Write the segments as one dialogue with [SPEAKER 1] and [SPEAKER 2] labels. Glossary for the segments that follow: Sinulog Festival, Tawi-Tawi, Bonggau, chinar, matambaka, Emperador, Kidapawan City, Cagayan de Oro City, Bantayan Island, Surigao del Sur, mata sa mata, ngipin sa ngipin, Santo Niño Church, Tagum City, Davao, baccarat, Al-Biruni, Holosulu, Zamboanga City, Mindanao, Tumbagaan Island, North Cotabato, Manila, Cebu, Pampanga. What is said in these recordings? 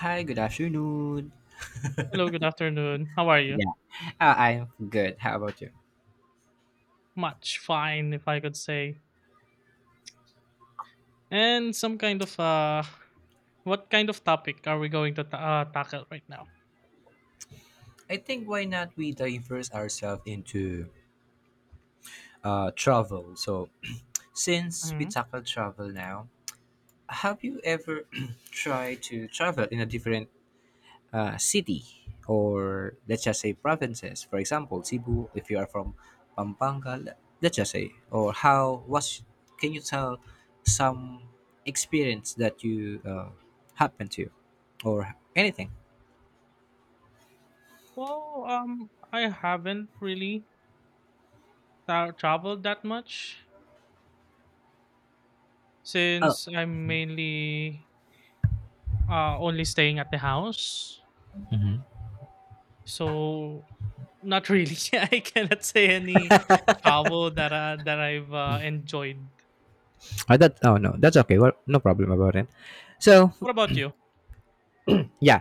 [SPEAKER 1] Hi, good afternoon.
[SPEAKER 2] Hello, good afternoon. How are you?
[SPEAKER 1] Yeah. I'm good. How about you?
[SPEAKER 2] Much fine, if I could say. And some kind of what kind of topic are we going to tackle right now?
[SPEAKER 1] I think why not we diverse ourselves into travel. So, since we
[SPEAKER 2] Hmm.
[SPEAKER 1] tackle travel now, have you ever tried to travel in a different city or let's just say provinces? For example, Cebu, if you are from Pampanga, let's just say, or how was? Can you tell some experience that you happened to, or anything?
[SPEAKER 2] I haven't really traveled that much since I'm mainly only staying at the house. So not really. I cannot say any travel that I've enjoyed.
[SPEAKER 1] That oh no, that's okay. Well, no problem about it. So
[SPEAKER 2] What about you?
[SPEAKER 1] yeah,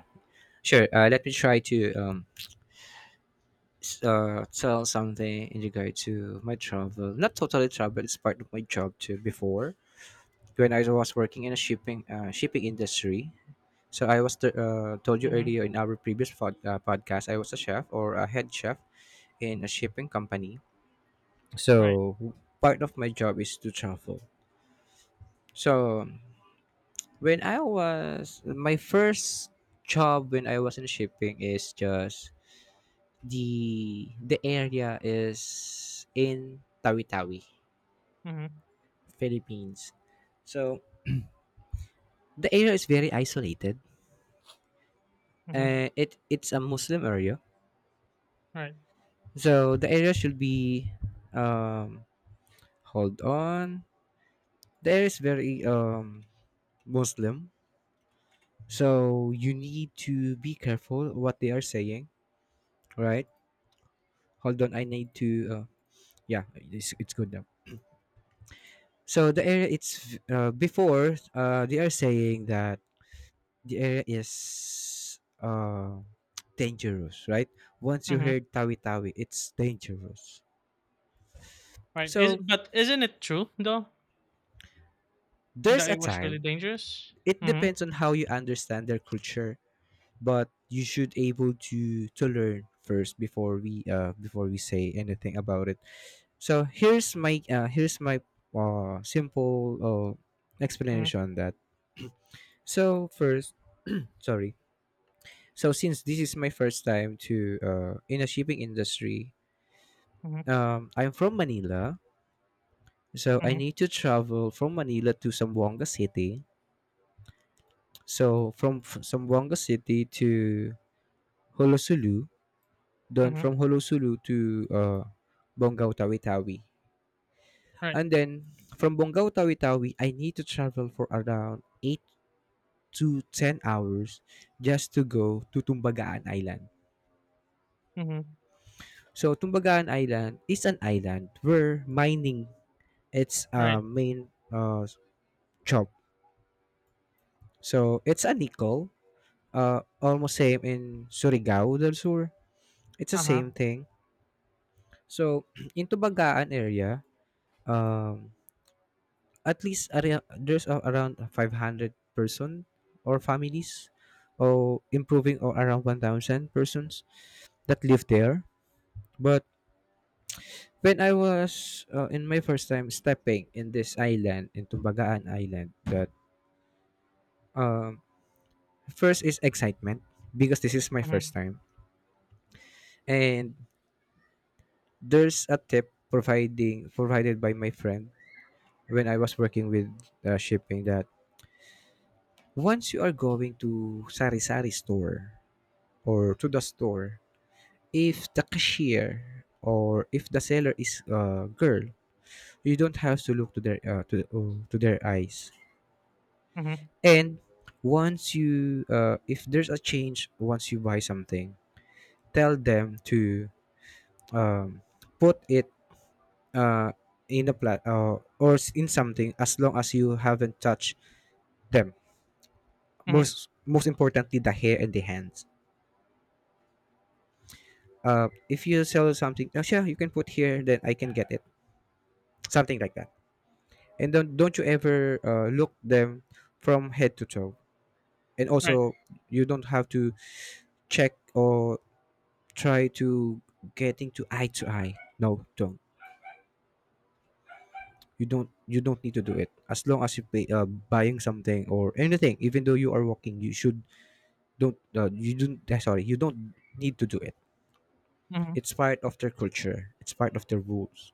[SPEAKER 1] sure. Let me try to tell something in regard to my travel. Not totally travel. It's part of my job too. Before when I was working in a shipping industry. So I was told you
[SPEAKER 2] Mm-hmm.
[SPEAKER 1] earlier in our previous podcast, I was a chef or a head chef in a shipping company.
[SPEAKER 2] Right.
[SPEAKER 1] So part of my job is to travel. So when I was my first job when I was in shipping is just the area is in Tawi-Tawi,
[SPEAKER 2] Mm-hmm.
[SPEAKER 1] Philippines. So the area is very isolated.
[SPEAKER 2] Mm-hmm.
[SPEAKER 1] It's a Muslim area.
[SPEAKER 2] Right.
[SPEAKER 1] So the area should be um hold on. The area is very Muslim. So you need to be careful what they are saying, right? Hold on, I need to yeah, it's good now. So the area it's before, they are saying that the area is dangerous, right? Once you heard tawi tawi, it's dangerous.
[SPEAKER 2] Right, is
[SPEAKER 1] So
[SPEAKER 2] but isn't it true though
[SPEAKER 1] there's
[SPEAKER 2] that
[SPEAKER 1] a
[SPEAKER 2] it was really
[SPEAKER 1] time.
[SPEAKER 2] dangerous?
[SPEAKER 1] It
[SPEAKER 2] Mhm.
[SPEAKER 1] depends on how you understand their culture, but you should able to learn first before we say anything about it. So here's my here's my simple
[SPEAKER 2] Mhm.
[SPEAKER 1] explanation on that. So first, sorry. So since this is my first time to in a shipping industry,
[SPEAKER 2] Mhm.
[SPEAKER 1] I'm from Manila, so I
[SPEAKER 2] Mhm.
[SPEAKER 1] need to travel from Manila to Zamboanga City. So from Zamboanga City to Holosulu, then
[SPEAKER 2] Mhm.
[SPEAKER 1] from Holosulu to uh, Bonggau Tawi-Tawi,
[SPEAKER 2] Right.
[SPEAKER 1] and then from Bonggau Tawi-Tawi, I need to travel for around 8 to 10 hours just to go to Tumbagaan Island.
[SPEAKER 2] Mhm.
[SPEAKER 1] So Tumbagaan Island is an island where mining its a
[SPEAKER 2] Right.
[SPEAKER 1] main job. So it's a nickel, almost same in Surigao del Sur. It's the
[SPEAKER 2] Uh-huh.
[SPEAKER 1] same thing. So in Tubagaan area, um, at least area, there's around 500 person or families or improving or around 1,000 persons that live there. But when I was in my first time stepping in this island, in Tubagaan Island, that um, first is excitement because this is my first
[SPEAKER 2] Mhm.
[SPEAKER 1] time. And there's a tip providing provided by my friend when I was working with shipping that once you are going to sari-sari store or to the store, if the cashier or if the seller is a girl, you don't have to look to to their eyes.
[SPEAKER 2] Mhm.
[SPEAKER 1] And once you if there's a change once you buy something, tell them to um, put it uh, in a in something as long as you haven't touched them.
[SPEAKER 2] Mhm.
[SPEAKER 1] Most importantly, the hair and the hands. If you sell something, oh, sure, you can put here, then I can get it. Something like that. And don't you ever look them from head to toe. And
[SPEAKER 2] Right.
[SPEAKER 1] also, you don't have to check or try to getting to eye to eye. No, don't. You don't. You don't need to do it. As long as you pay, buying something or anything, even though you are walking, you should don't you don't need to do it.
[SPEAKER 2] Mhm.
[SPEAKER 1] It's part of their culture, it's part of their rules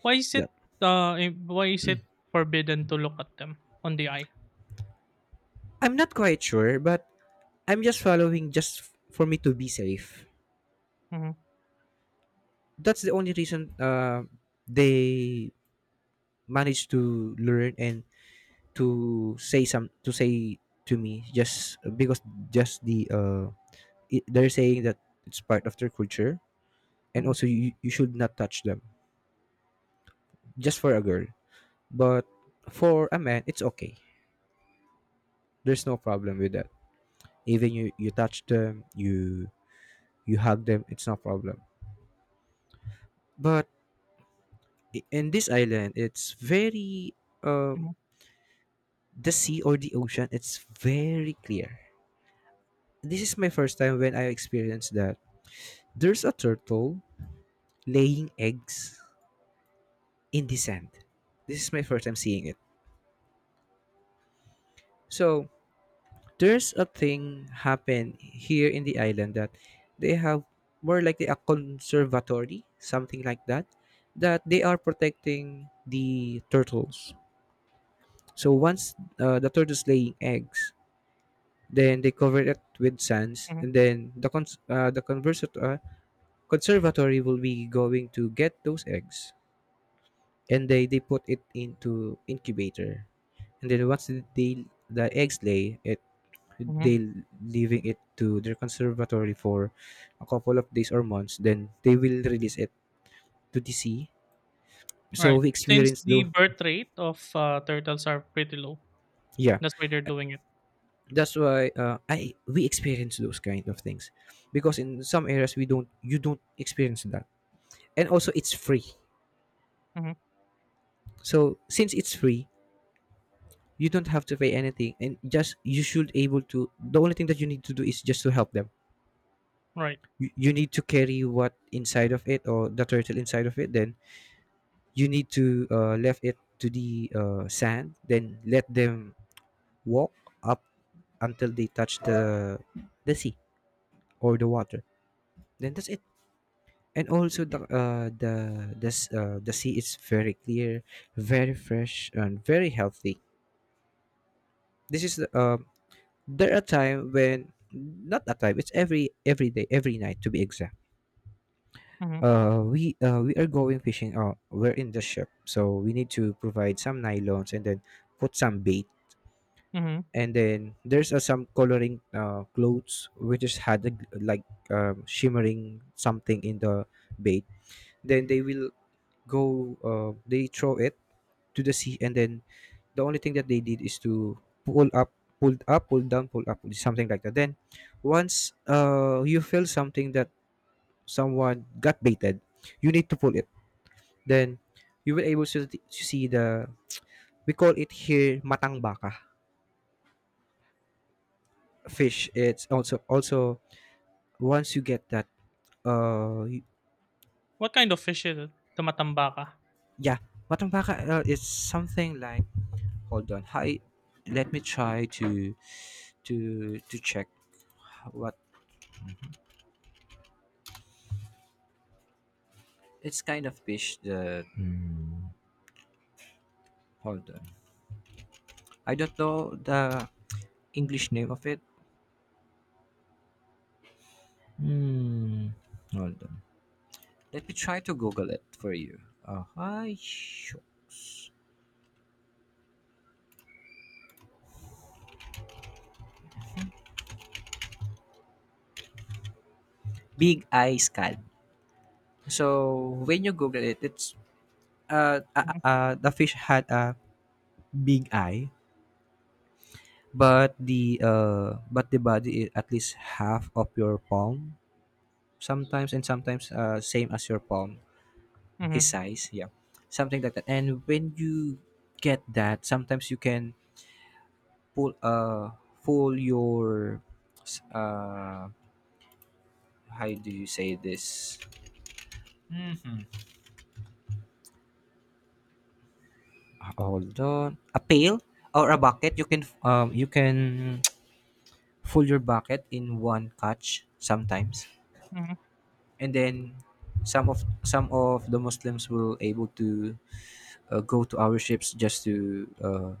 [SPEAKER 2] Why is it,
[SPEAKER 1] that
[SPEAKER 2] why is it forbidden to look at them on the eye?
[SPEAKER 1] I'm not quite sure but I'm just following, just for me to be safe.
[SPEAKER 2] Mhm.
[SPEAKER 1] That's the only reason they managed to learn and to say to me just because just they're saying that it's part of their culture, and
[SPEAKER 2] Mhm.
[SPEAKER 1] also you should not touch them, just for a girl, but for a man it's okay, there's no problem with that. Even you you touch them, you hug them, it's no problem. But in this island it's very um
[SPEAKER 2] Mhm.
[SPEAKER 1] the sea or the ocean it's very clear. This is my first time when I experienced that there's a turtle laying eggs in the sand. This is my first time seeing it. So there's a thing happen here in the island that they have more like a conservatory, something like that, that they are protecting the turtles. So once the turtle's laying eggs, then they cover it with sands,
[SPEAKER 2] Mhm.
[SPEAKER 1] and then the conservatory will be going to get those eggs, and they put it into incubator, and then once they the eggs lay it,
[SPEAKER 2] Mhm.
[SPEAKER 1] they leaving it to their conservatory for a couple of days or months. Then they will release it to the sea. So
[SPEAKER 2] Right,
[SPEAKER 1] we
[SPEAKER 2] since
[SPEAKER 1] experience
[SPEAKER 2] the
[SPEAKER 1] the
[SPEAKER 2] birth rate of, turtles are pretty low,
[SPEAKER 1] yeah,
[SPEAKER 2] that's why they're doing it.
[SPEAKER 1] that's why I we experience those kind of things because in some areas we don't, you don't experience that. And also it's free,
[SPEAKER 2] Mhm.
[SPEAKER 1] so since it's free, you don't have to pay anything, and just you should able to, the only thing that you need to do is just to help them.
[SPEAKER 2] Right.
[SPEAKER 1] You need to carry what inside of it or the turtle inside of it, then you need to left it to the sand, then let them walk up until they touch the sea or the water, then that's it. And also the sea is very clear, very fresh, and very healthy. This is the- um there are time when not a time. It's every day, every night to be exact.
[SPEAKER 2] Mhm.
[SPEAKER 1] We are going fishing. We're in the ship, so we need to provide some nylons and then put some bait.
[SPEAKER 2] Mhm.
[SPEAKER 1] And then there's some coloring clothes which is had a, shimmering something in the bait. Then they will go. They throw it to the sea, and then the only thing that they did is to pull up, pulled up, pull down, pull up, something like that. Then once you feel something that someone got baited, you need to pull it. Then you will able to see the we call it here matangbaka fish. It's also once you get that uh y-
[SPEAKER 2] What kind of fish is it? The matambaka?
[SPEAKER 1] yeah, matangbaka is something like hold on hi, let me try to to check what. It's kind of fish the hold on. I don't know the English name of it. Hmm. Hold on. Let me try to Google it for you. Hi, shucks. Big eye scad. So when you Google it, it's
[SPEAKER 2] Mhm.
[SPEAKER 1] the fish had a big eye, but the body is at least half of your palm sometimes, and sometimes same as your palm. His
[SPEAKER 2] Mhm.
[SPEAKER 1] size, yeah. Something like that. And when you get that, sometimes you can pull uh pull your uh how do you say this? hmm Hold on. A pail or a bucket, you can full your bucket in one catch sometimes.
[SPEAKER 2] Mhm.
[SPEAKER 1] And then some of the Muslims will able to go to our ships just to uh,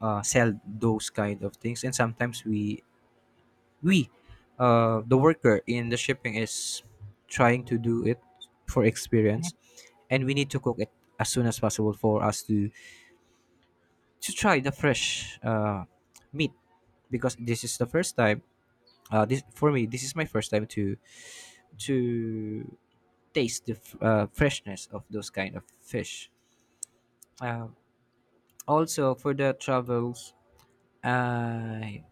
[SPEAKER 1] uh, sell those kind of things, and sometimes we the worker in the shipping is trying to do it for
[SPEAKER 2] Mhm.
[SPEAKER 1] experience, and we need to cook it as soon as possible for us to try the fresh meat, because this is the first time this for me this is my first time to taste the freshness of those kind of fish. uh, Also for the travels, i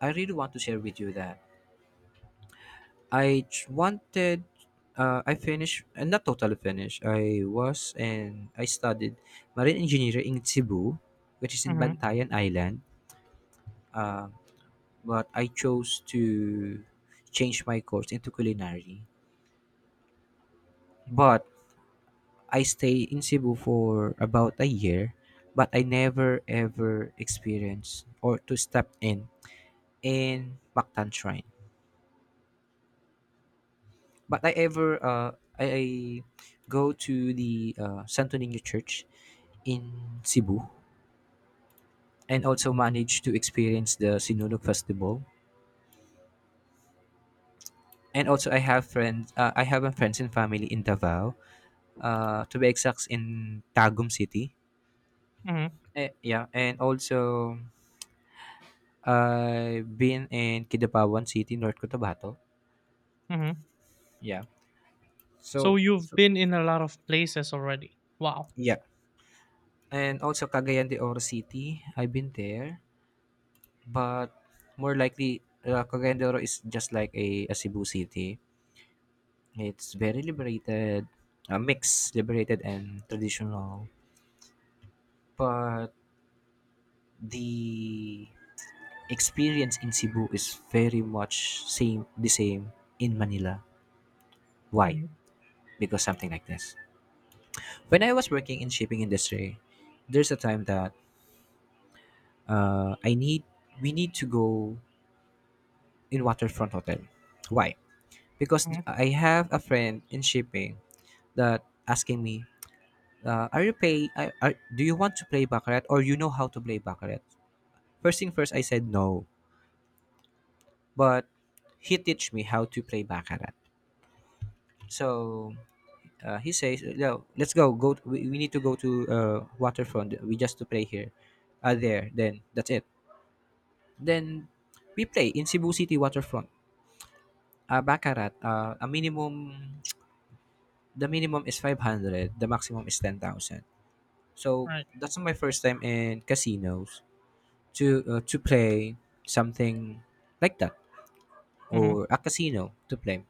[SPEAKER 1] I really want to share with you that I j- wanted. I finished, not totally finished. I was and I studied marine engineering in Cebu, which is in
[SPEAKER 2] Mhm.
[SPEAKER 1] Bantayan Island. Um, but I chose to change my course into culinary. But I stay in Cebu for about a year, but I never ever experienced or to step in Bactan Shrine. But I ever I go to the Santo Niño Church in Cebu, and also managed to experience the Sinulog Festival. And also I have friends I have a friends and family in Davao, to be exact in Tagum City.
[SPEAKER 2] Mhm.
[SPEAKER 1] Eh, yeah, and also I've been in Kidapawan City, North Cotabato.
[SPEAKER 2] Hmm.
[SPEAKER 1] Yeah.
[SPEAKER 2] So
[SPEAKER 1] So,
[SPEAKER 2] you've
[SPEAKER 1] so
[SPEAKER 2] been in a lot of places already. Wow.
[SPEAKER 1] yeah. And also Cagayan de Oro City, I've been there. But more likely, Cagayan de Oro is just like a Cebu city. It's very liberated, a mix liberated and traditional. But the experience in Cebu is very much same in Manila. Why?
[SPEAKER 2] Hmm.
[SPEAKER 1] Because something like this. When I was working in shipping industry, there's a time that I need we need to go in waterfront hotel. Why? Because
[SPEAKER 2] Hmm.
[SPEAKER 1] I have a friend in shipping that asking me. Are you pay? Are, Do you want to play baccarat or you know how to play baccarat? First thing first, I said no, but he teach me how to play baccarat. So he says, "No, let's go. Go. We need to go to waterfront. We just to play here, there. Then that's it." Then we play in Cebu City waterfront. Baccarat. A minimum. The minimum is 500. The maximum is 10,000. So
[SPEAKER 2] Right.
[SPEAKER 1] that's my first time in casinos, to play something like that,
[SPEAKER 2] Hmm.
[SPEAKER 1] or a casino to play.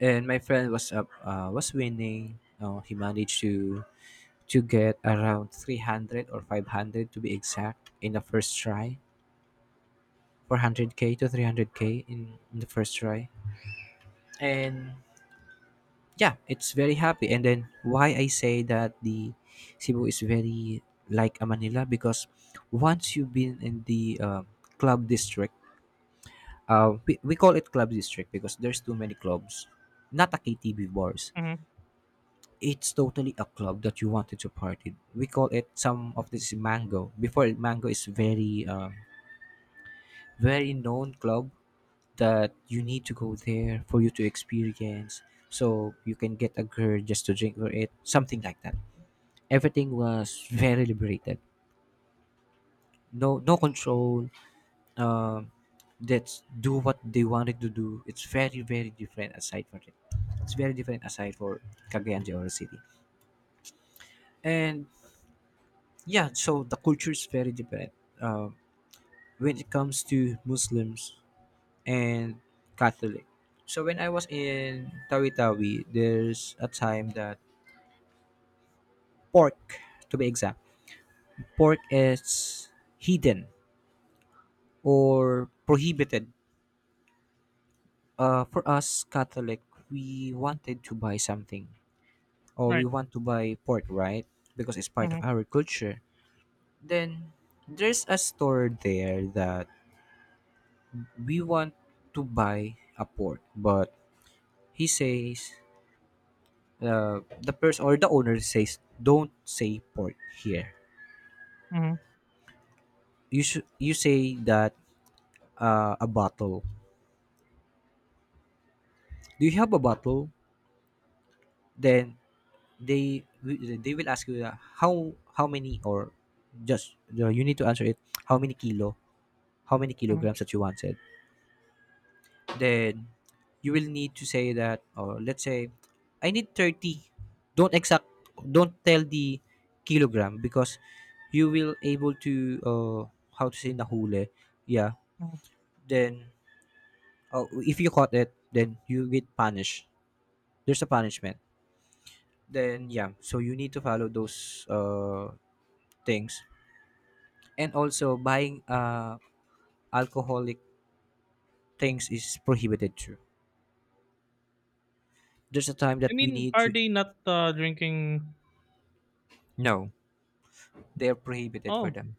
[SPEAKER 1] And my friend was up was winning. Uh, he managed to get around 300 or 500 to be exact in the first try. 400k to 300k in the first try. And yeah, it's very happy. And then why I say that the Cebu is very like a Manila, because once you've been in the club district. We call it club district because there's too many clubs. Not a KTV bars.
[SPEAKER 2] Hmm.
[SPEAKER 1] It's totally a club that you wanted to party. We call it some of this mango. Before, mango is very very known club that you need to go there for you to experience. So you can get a girl just to drink for it, something like that. Everything was very liberated. No control, uh, that do what they wanted to do. It's very very different aside for it. It's very different aside for Cagayan de Oro City. And yeah, so the culture is very different uh, when it comes to Muslims and Catholic. So when I was in Tawi-Tawi, there's a time that pork, to be exact, pork is hidden or prohibited. For us Catholic, we wanted to buy something, or we
[SPEAKER 2] Right.
[SPEAKER 1] want to buy pork, right? Because it's part of
[SPEAKER 2] Hmm.
[SPEAKER 1] our culture. Then there's a store there that we want to buy a pork, but he says, the person or the owner says, don't say pork here.
[SPEAKER 2] Hmm.
[SPEAKER 1] You should you say that a bottle. Do you have a bottle? Then they they will ask you, how many, or just you need to answer it how many kilo, how many
[SPEAKER 2] Hmm.
[SPEAKER 1] kilograms that you wanted. Then you will need to say that, or let's say, I need 30. Don't exact, don't tell the kilogram, because you will able to, how to say, nahuli. Yeah.
[SPEAKER 2] Hmm.
[SPEAKER 1] Then, oh, if you caught it, then you get punished. There's a punishment. Then yeah, so you need to follow those things. And also buying alcoholic things is prohibited too. There's a time
[SPEAKER 2] I
[SPEAKER 1] that we
[SPEAKER 2] mean,
[SPEAKER 1] need
[SPEAKER 2] are
[SPEAKER 1] to,
[SPEAKER 2] they not drinking?
[SPEAKER 1] no, they're prohibited for
[SPEAKER 2] Oh.
[SPEAKER 1] them.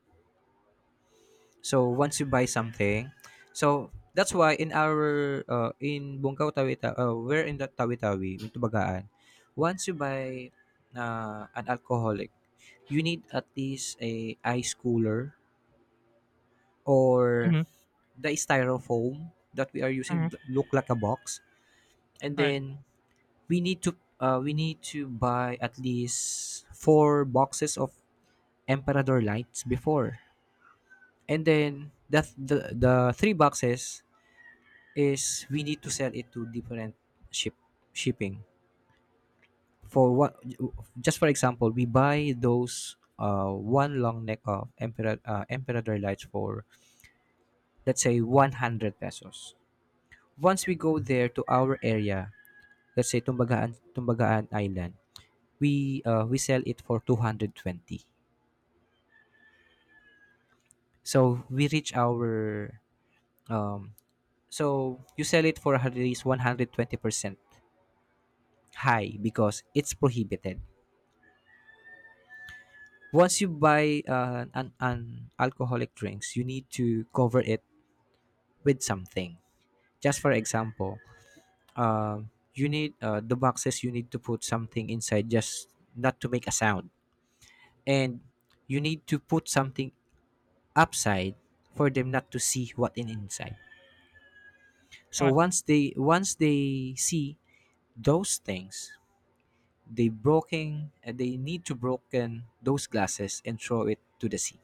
[SPEAKER 1] So once you buy something, so that's why in our in Bungkaw Tawita, we're in the Tawi-Tawi, in Tubagaan. Once you buy an alcoholic, you need at least a ice cooler, or
[SPEAKER 2] Hmm.
[SPEAKER 1] the styrofoam that we are
[SPEAKER 2] Hmm.
[SPEAKER 1] using look like a box, and
[SPEAKER 2] Right.
[SPEAKER 1] then we need to buy at least four boxes of Emperador lights before, and then the three boxes is we need to sell it to different ship shipping. For what? Just for example, we buy those one long neck of emperor lights for let's say 100 pesos. Once we go there to our area, let's say Tumbagaan Island, we sell it for 220. So we reach our um so you sell it for at least 120% high because it's prohibited. Once you buy an alcoholic drinks, you need to cover it with something. Just for example, uh, you need the boxes. You need to put something inside, just not to make a sound, and you need to put something upside for them not to see what in inside. So
[SPEAKER 2] What?
[SPEAKER 1] once they see those things, they broken. They need to broken those glasses and throw it to the sea.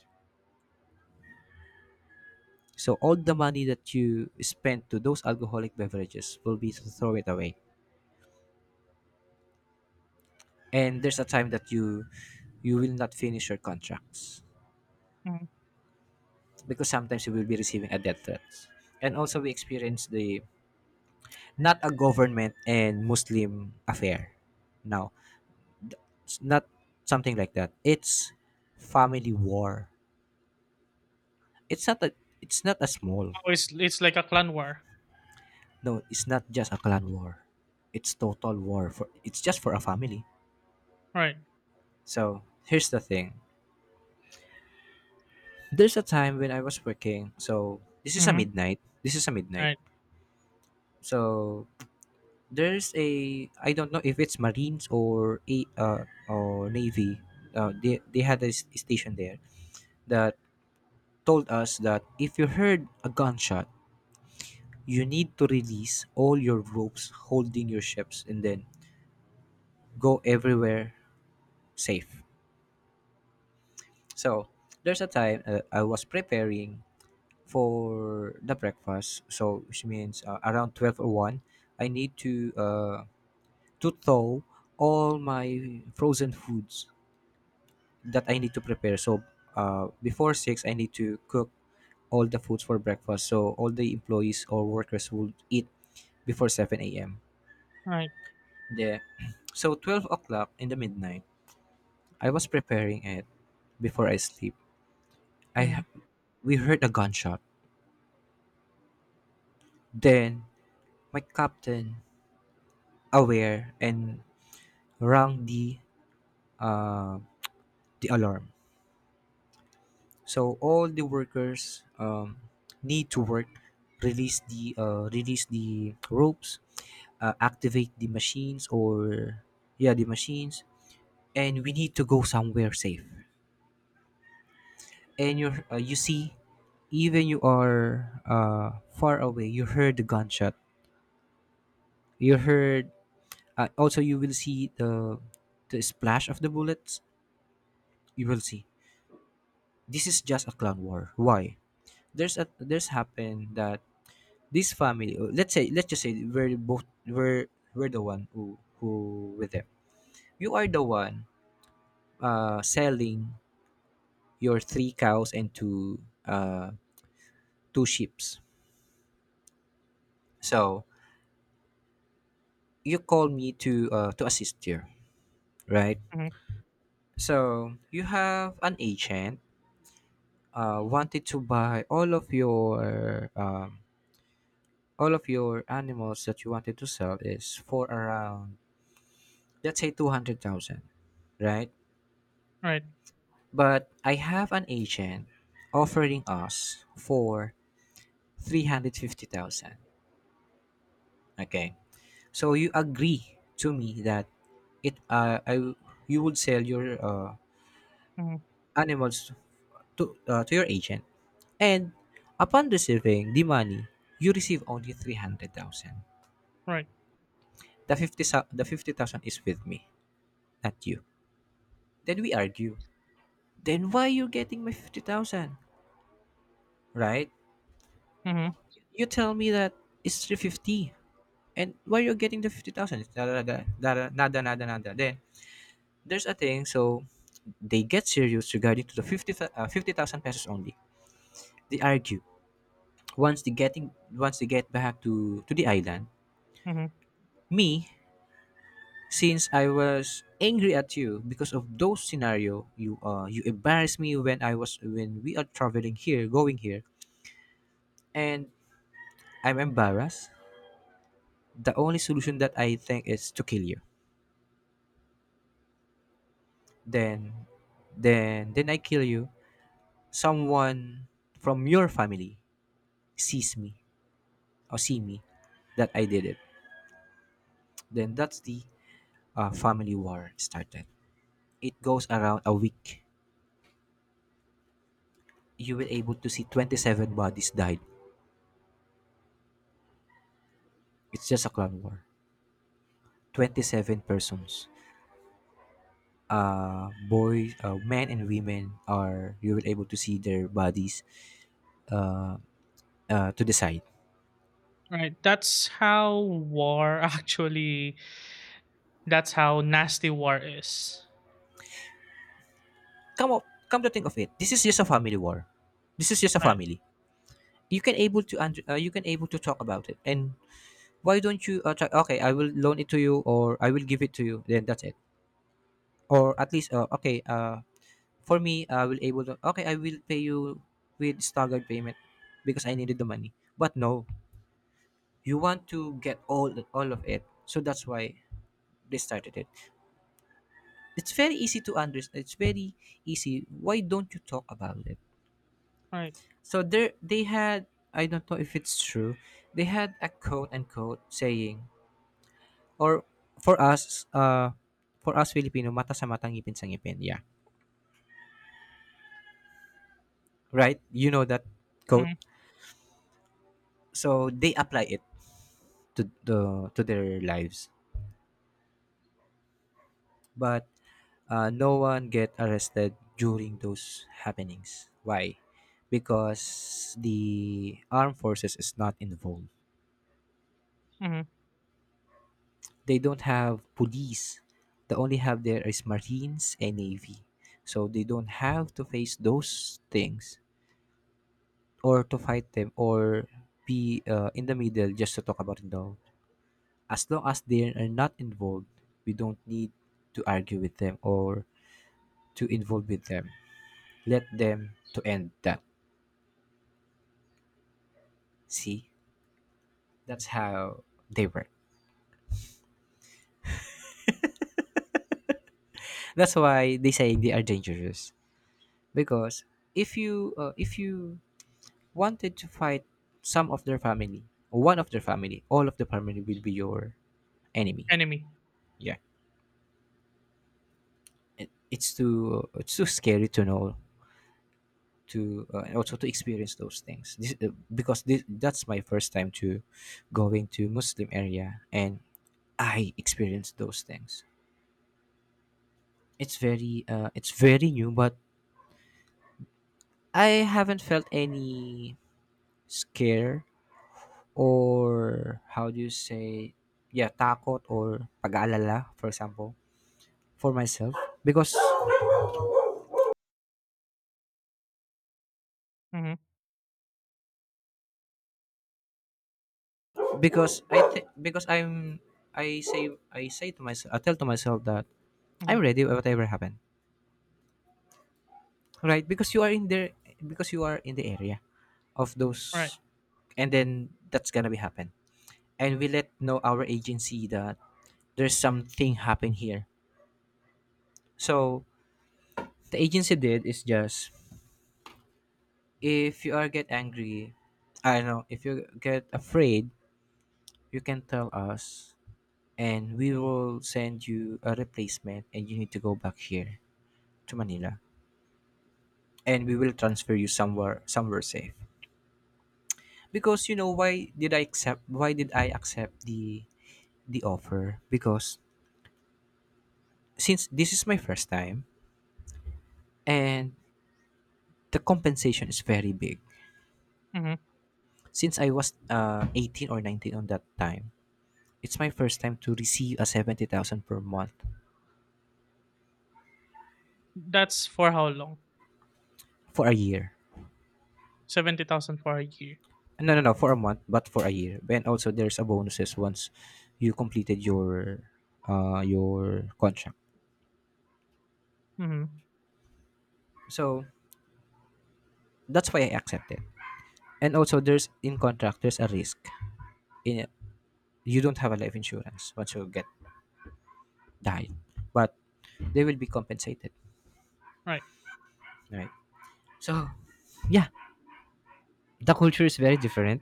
[SPEAKER 1] So all the money that you spend to those alcoholic beverages will be to throw it away. And there's a time that you will not finish your contracts,
[SPEAKER 2] Hmm.
[SPEAKER 1] because sometimes you will be receiving a death threat. And also we experience the not a government and Muslim affair. Now, th- it's not something like that. It's family war. It's not a it's not a small.
[SPEAKER 2] Oh, it's like a clan war.
[SPEAKER 1] No, it's not just a clan war. It's total war for it's just for a family.
[SPEAKER 2] Right.
[SPEAKER 1] So, here's the thing. There's a time when I was working. So this is a
[SPEAKER 2] Hmm.
[SPEAKER 1] midnight. This is a midnight.
[SPEAKER 2] Right.
[SPEAKER 1] So there's a, I don't know if it's Marines or a or Navy. They had a station there that told us that if you heard a gunshot, you need to release all your ropes holding your ships, and then go everywhere safe. So there's a time, I was preparing for the breakfast. So which means around 12 or one, I need to thaw all my frozen foods that I need to prepare. So before six, I need to cook all the foods for breakfast. So all the employees or workers would eat before seven a.m.
[SPEAKER 2] Right.
[SPEAKER 1] The so 12 o'clock in the midnight, I was preparing it before I sleep. I
[SPEAKER 2] Hmm.
[SPEAKER 1] We heard a gunshot. Then my captain aware and rang uh, the alarm. So all the workers need to work, release the ropes, activate the machines, or yeah the machines, and we need to go somewhere safe. And you you see, even you are far away, you heard the gunshot. You heard also you will see the splash of the bullets. You will see this is just a clan war. Why? There's happened that this family, let's just say we're both, we're the one who with them. You are the one selling your three cows and two uh two sheeps. So you call me to assist you, right?
[SPEAKER 2] Hmm.
[SPEAKER 1] So you have an agent wanted to buy all of your animals that you wanted to sell is for around let's say 200,000, right?
[SPEAKER 2] Right.
[SPEAKER 1] But I have an agent offering us for 350,000. Okay. So you agree to me that it I you would sell your
[SPEAKER 2] Hmm.
[SPEAKER 1] animals to your agent, and upon receiving the money, you receive only 300,000.
[SPEAKER 2] Right.
[SPEAKER 1] The the 50,000 is with me, not you. Then we argue. Then why you getting my 50,000? Right?
[SPEAKER 2] Hmm.
[SPEAKER 1] You tell me that it's 350, and why you're getting the 50,000. It's nada, nada, nada, nada, nada, nada. Then there's a thing, so they get serious regarding to the 50,000 pesos only. They argue. Once they get back to the island.
[SPEAKER 2] Hmm.
[SPEAKER 1] Me, since I was angry at you because of those scenario, you you embarrassed me when I was when we are traveling here, going here, and I'm embarrassed. The only solution that I think is to kill you. Then then I kill you. Someone from your family sees me, or see me, that I did it, then that's the family war started. It goes around a week. You will able to see 27 bodies died. It's just a clan war. 27 persons. Boys, men and women are, you will able to see their bodies uh, to the side.
[SPEAKER 2] Right. That's how war actually. That's how nasty war is.
[SPEAKER 1] Come up, come to think of it, this is just a family war. This is just a
[SPEAKER 2] Right.
[SPEAKER 1] family. You can able to you can able to talk about it. And why don't you try, okay, I will loan it to you, or I will give it to you, then that's it. Or at least for me, I will able to, okay, I will pay you with staggered payment because I needed the money. But no, you want to get all of it. So that's why they started it. It's very easy to understand. It's very easy. Why don't you talk about it?
[SPEAKER 2] Right.
[SPEAKER 1] So there they had, I don't know if it's true, they had a quote and quote saying, or for us, uh, for us Filipino, mata sa mata, ngipin sa ngipin. Yeah. Right? You know that quote.
[SPEAKER 2] Hmm.
[SPEAKER 1] So they apply it to their lives. But no one get arrested during those happenings. Why? Because the armed forces is not involved.
[SPEAKER 2] Hmm.
[SPEAKER 1] They don't have police. They only have there is Marines and Navy. So they don't have to face those things, or to fight them, or be in the middle just to talk about it though. As long as they are not involved, we don't need to argue with them or to involve with them. Let them to end that. See, that's how they work. That's why they say they are dangerous because if you wanted to fight some of their family, or one of their family, all of the family will be your enemy.
[SPEAKER 2] Enemy.
[SPEAKER 1] Yeah, it's too scary to know to and also to experience those things, that's my first time to going to Muslim area and I experienced those things. It's very it's very new, but I haven't felt any scare, or how do you say, yeah, takot or pag-aalala, for example, for myself, because
[SPEAKER 2] Mhm.
[SPEAKER 1] because I'm I say to myself, I tell to myself that I'm
[SPEAKER 2] Mhm.
[SPEAKER 1] ready whatever happens. Right, because you are in there, because you are in the area of
[SPEAKER 2] Right.
[SPEAKER 1] those, and then that's gonna be happen. And we let know our agency that there's something happen here. So the agency did is just, if you are get angry, I don't know, if you get afraid, you can tell us and we will send you a replacement and you need to go back here to Manila and we will transfer you somewhere safe, because you know, why did I accept the offer? Because since this is my first time, and the compensation is very big.
[SPEAKER 2] Mhm.
[SPEAKER 1] Since I was 18 or 19 on that time, it's my first time to receive a 70,000 per month
[SPEAKER 2] That's for how long?
[SPEAKER 1] for a year.
[SPEAKER 2] 70,000 for a year.
[SPEAKER 1] No, no, no, for a month, but for a year. And also there's a bonuses once you completed your contract.
[SPEAKER 2] Mhm.
[SPEAKER 1] So that's why I accepted. And also there's in contract there's a risk. In, you don't have a life insurance once you get died, but they will be compensated,
[SPEAKER 2] Right.
[SPEAKER 1] right. So, yeah, the culture is very different.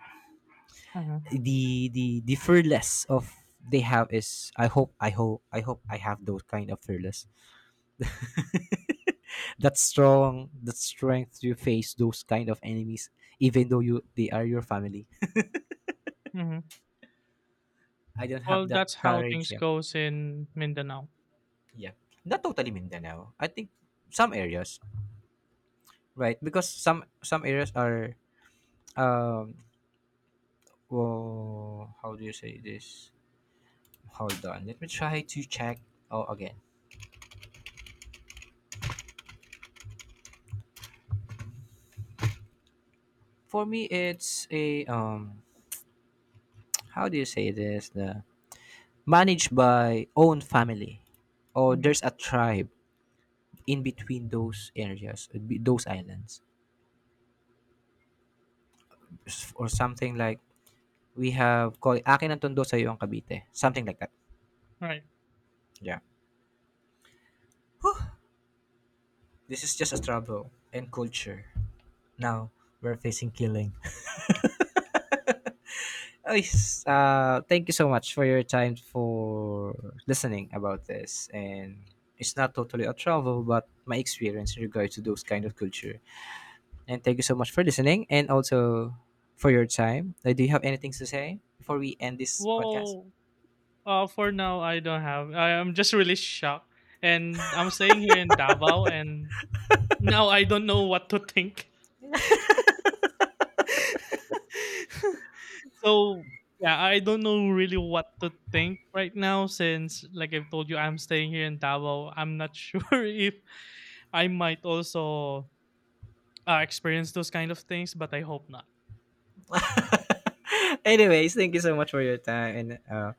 [SPEAKER 2] Mhm.
[SPEAKER 1] The the fearless of they have is, I hope I hope I have those kind of fearless, that strength to face those kind of enemies, even though you they are your family.
[SPEAKER 2] Mhm.
[SPEAKER 1] I don't have
[SPEAKER 2] Well,
[SPEAKER 1] that
[SPEAKER 2] that's how
[SPEAKER 1] courage,
[SPEAKER 2] things
[SPEAKER 1] yeah.
[SPEAKER 2] goes in Mindanao.
[SPEAKER 1] Yeah, not totally Mindanao, I think. Some areas, right, because some areas are, um well, how do you say this? Hold on, let me try to check. Oh, again. For me, it's a how do you say this? The managed by own family, or
[SPEAKER 2] Mhm.
[SPEAKER 1] there's a tribe in between those areas, those islands, or something like we have called, akin ang tondo sa ang Cavite, something like that.
[SPEAKER 2] Right.
[SPEAKER 1] Yeah. This is just a struggle and culture. Now we're facing killing. Yes, thank you so much for your time for listening about this. And it's not totally a travel, but my experience in regard to those kind of culture. And thank you so much for listening and also for your time. Do you have anything to say before we end this podcast?
[SPEAKER 2] Well, for now, I don't have. I am just really shocked, and I'm staying here in Davao, and now I don't know what to think. So yeah, I don't know really what to think right now since, like I've told you, I'm staying here in Davao. I'm not sure if I might also experience those kind of things, but I hope not.
[SPEAKER 1] Anyways, thank you so much for your time and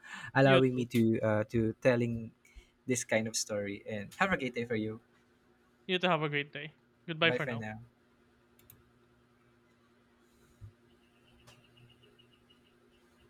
[SPEAKER 2] You
[SPEAKER 1] allowing me
[SPEAKER 2] too.
[SPEAKER 1] to telling this kind of story. And have a great day for you.
[SPEAKER 2] You too have a great day. Goodbye
[SPEAKER 1] Bye
[SPEAKER 2] for
[SPEAKER 1] for
[SPEAKER 2] now.
[SPEAKER 1] now.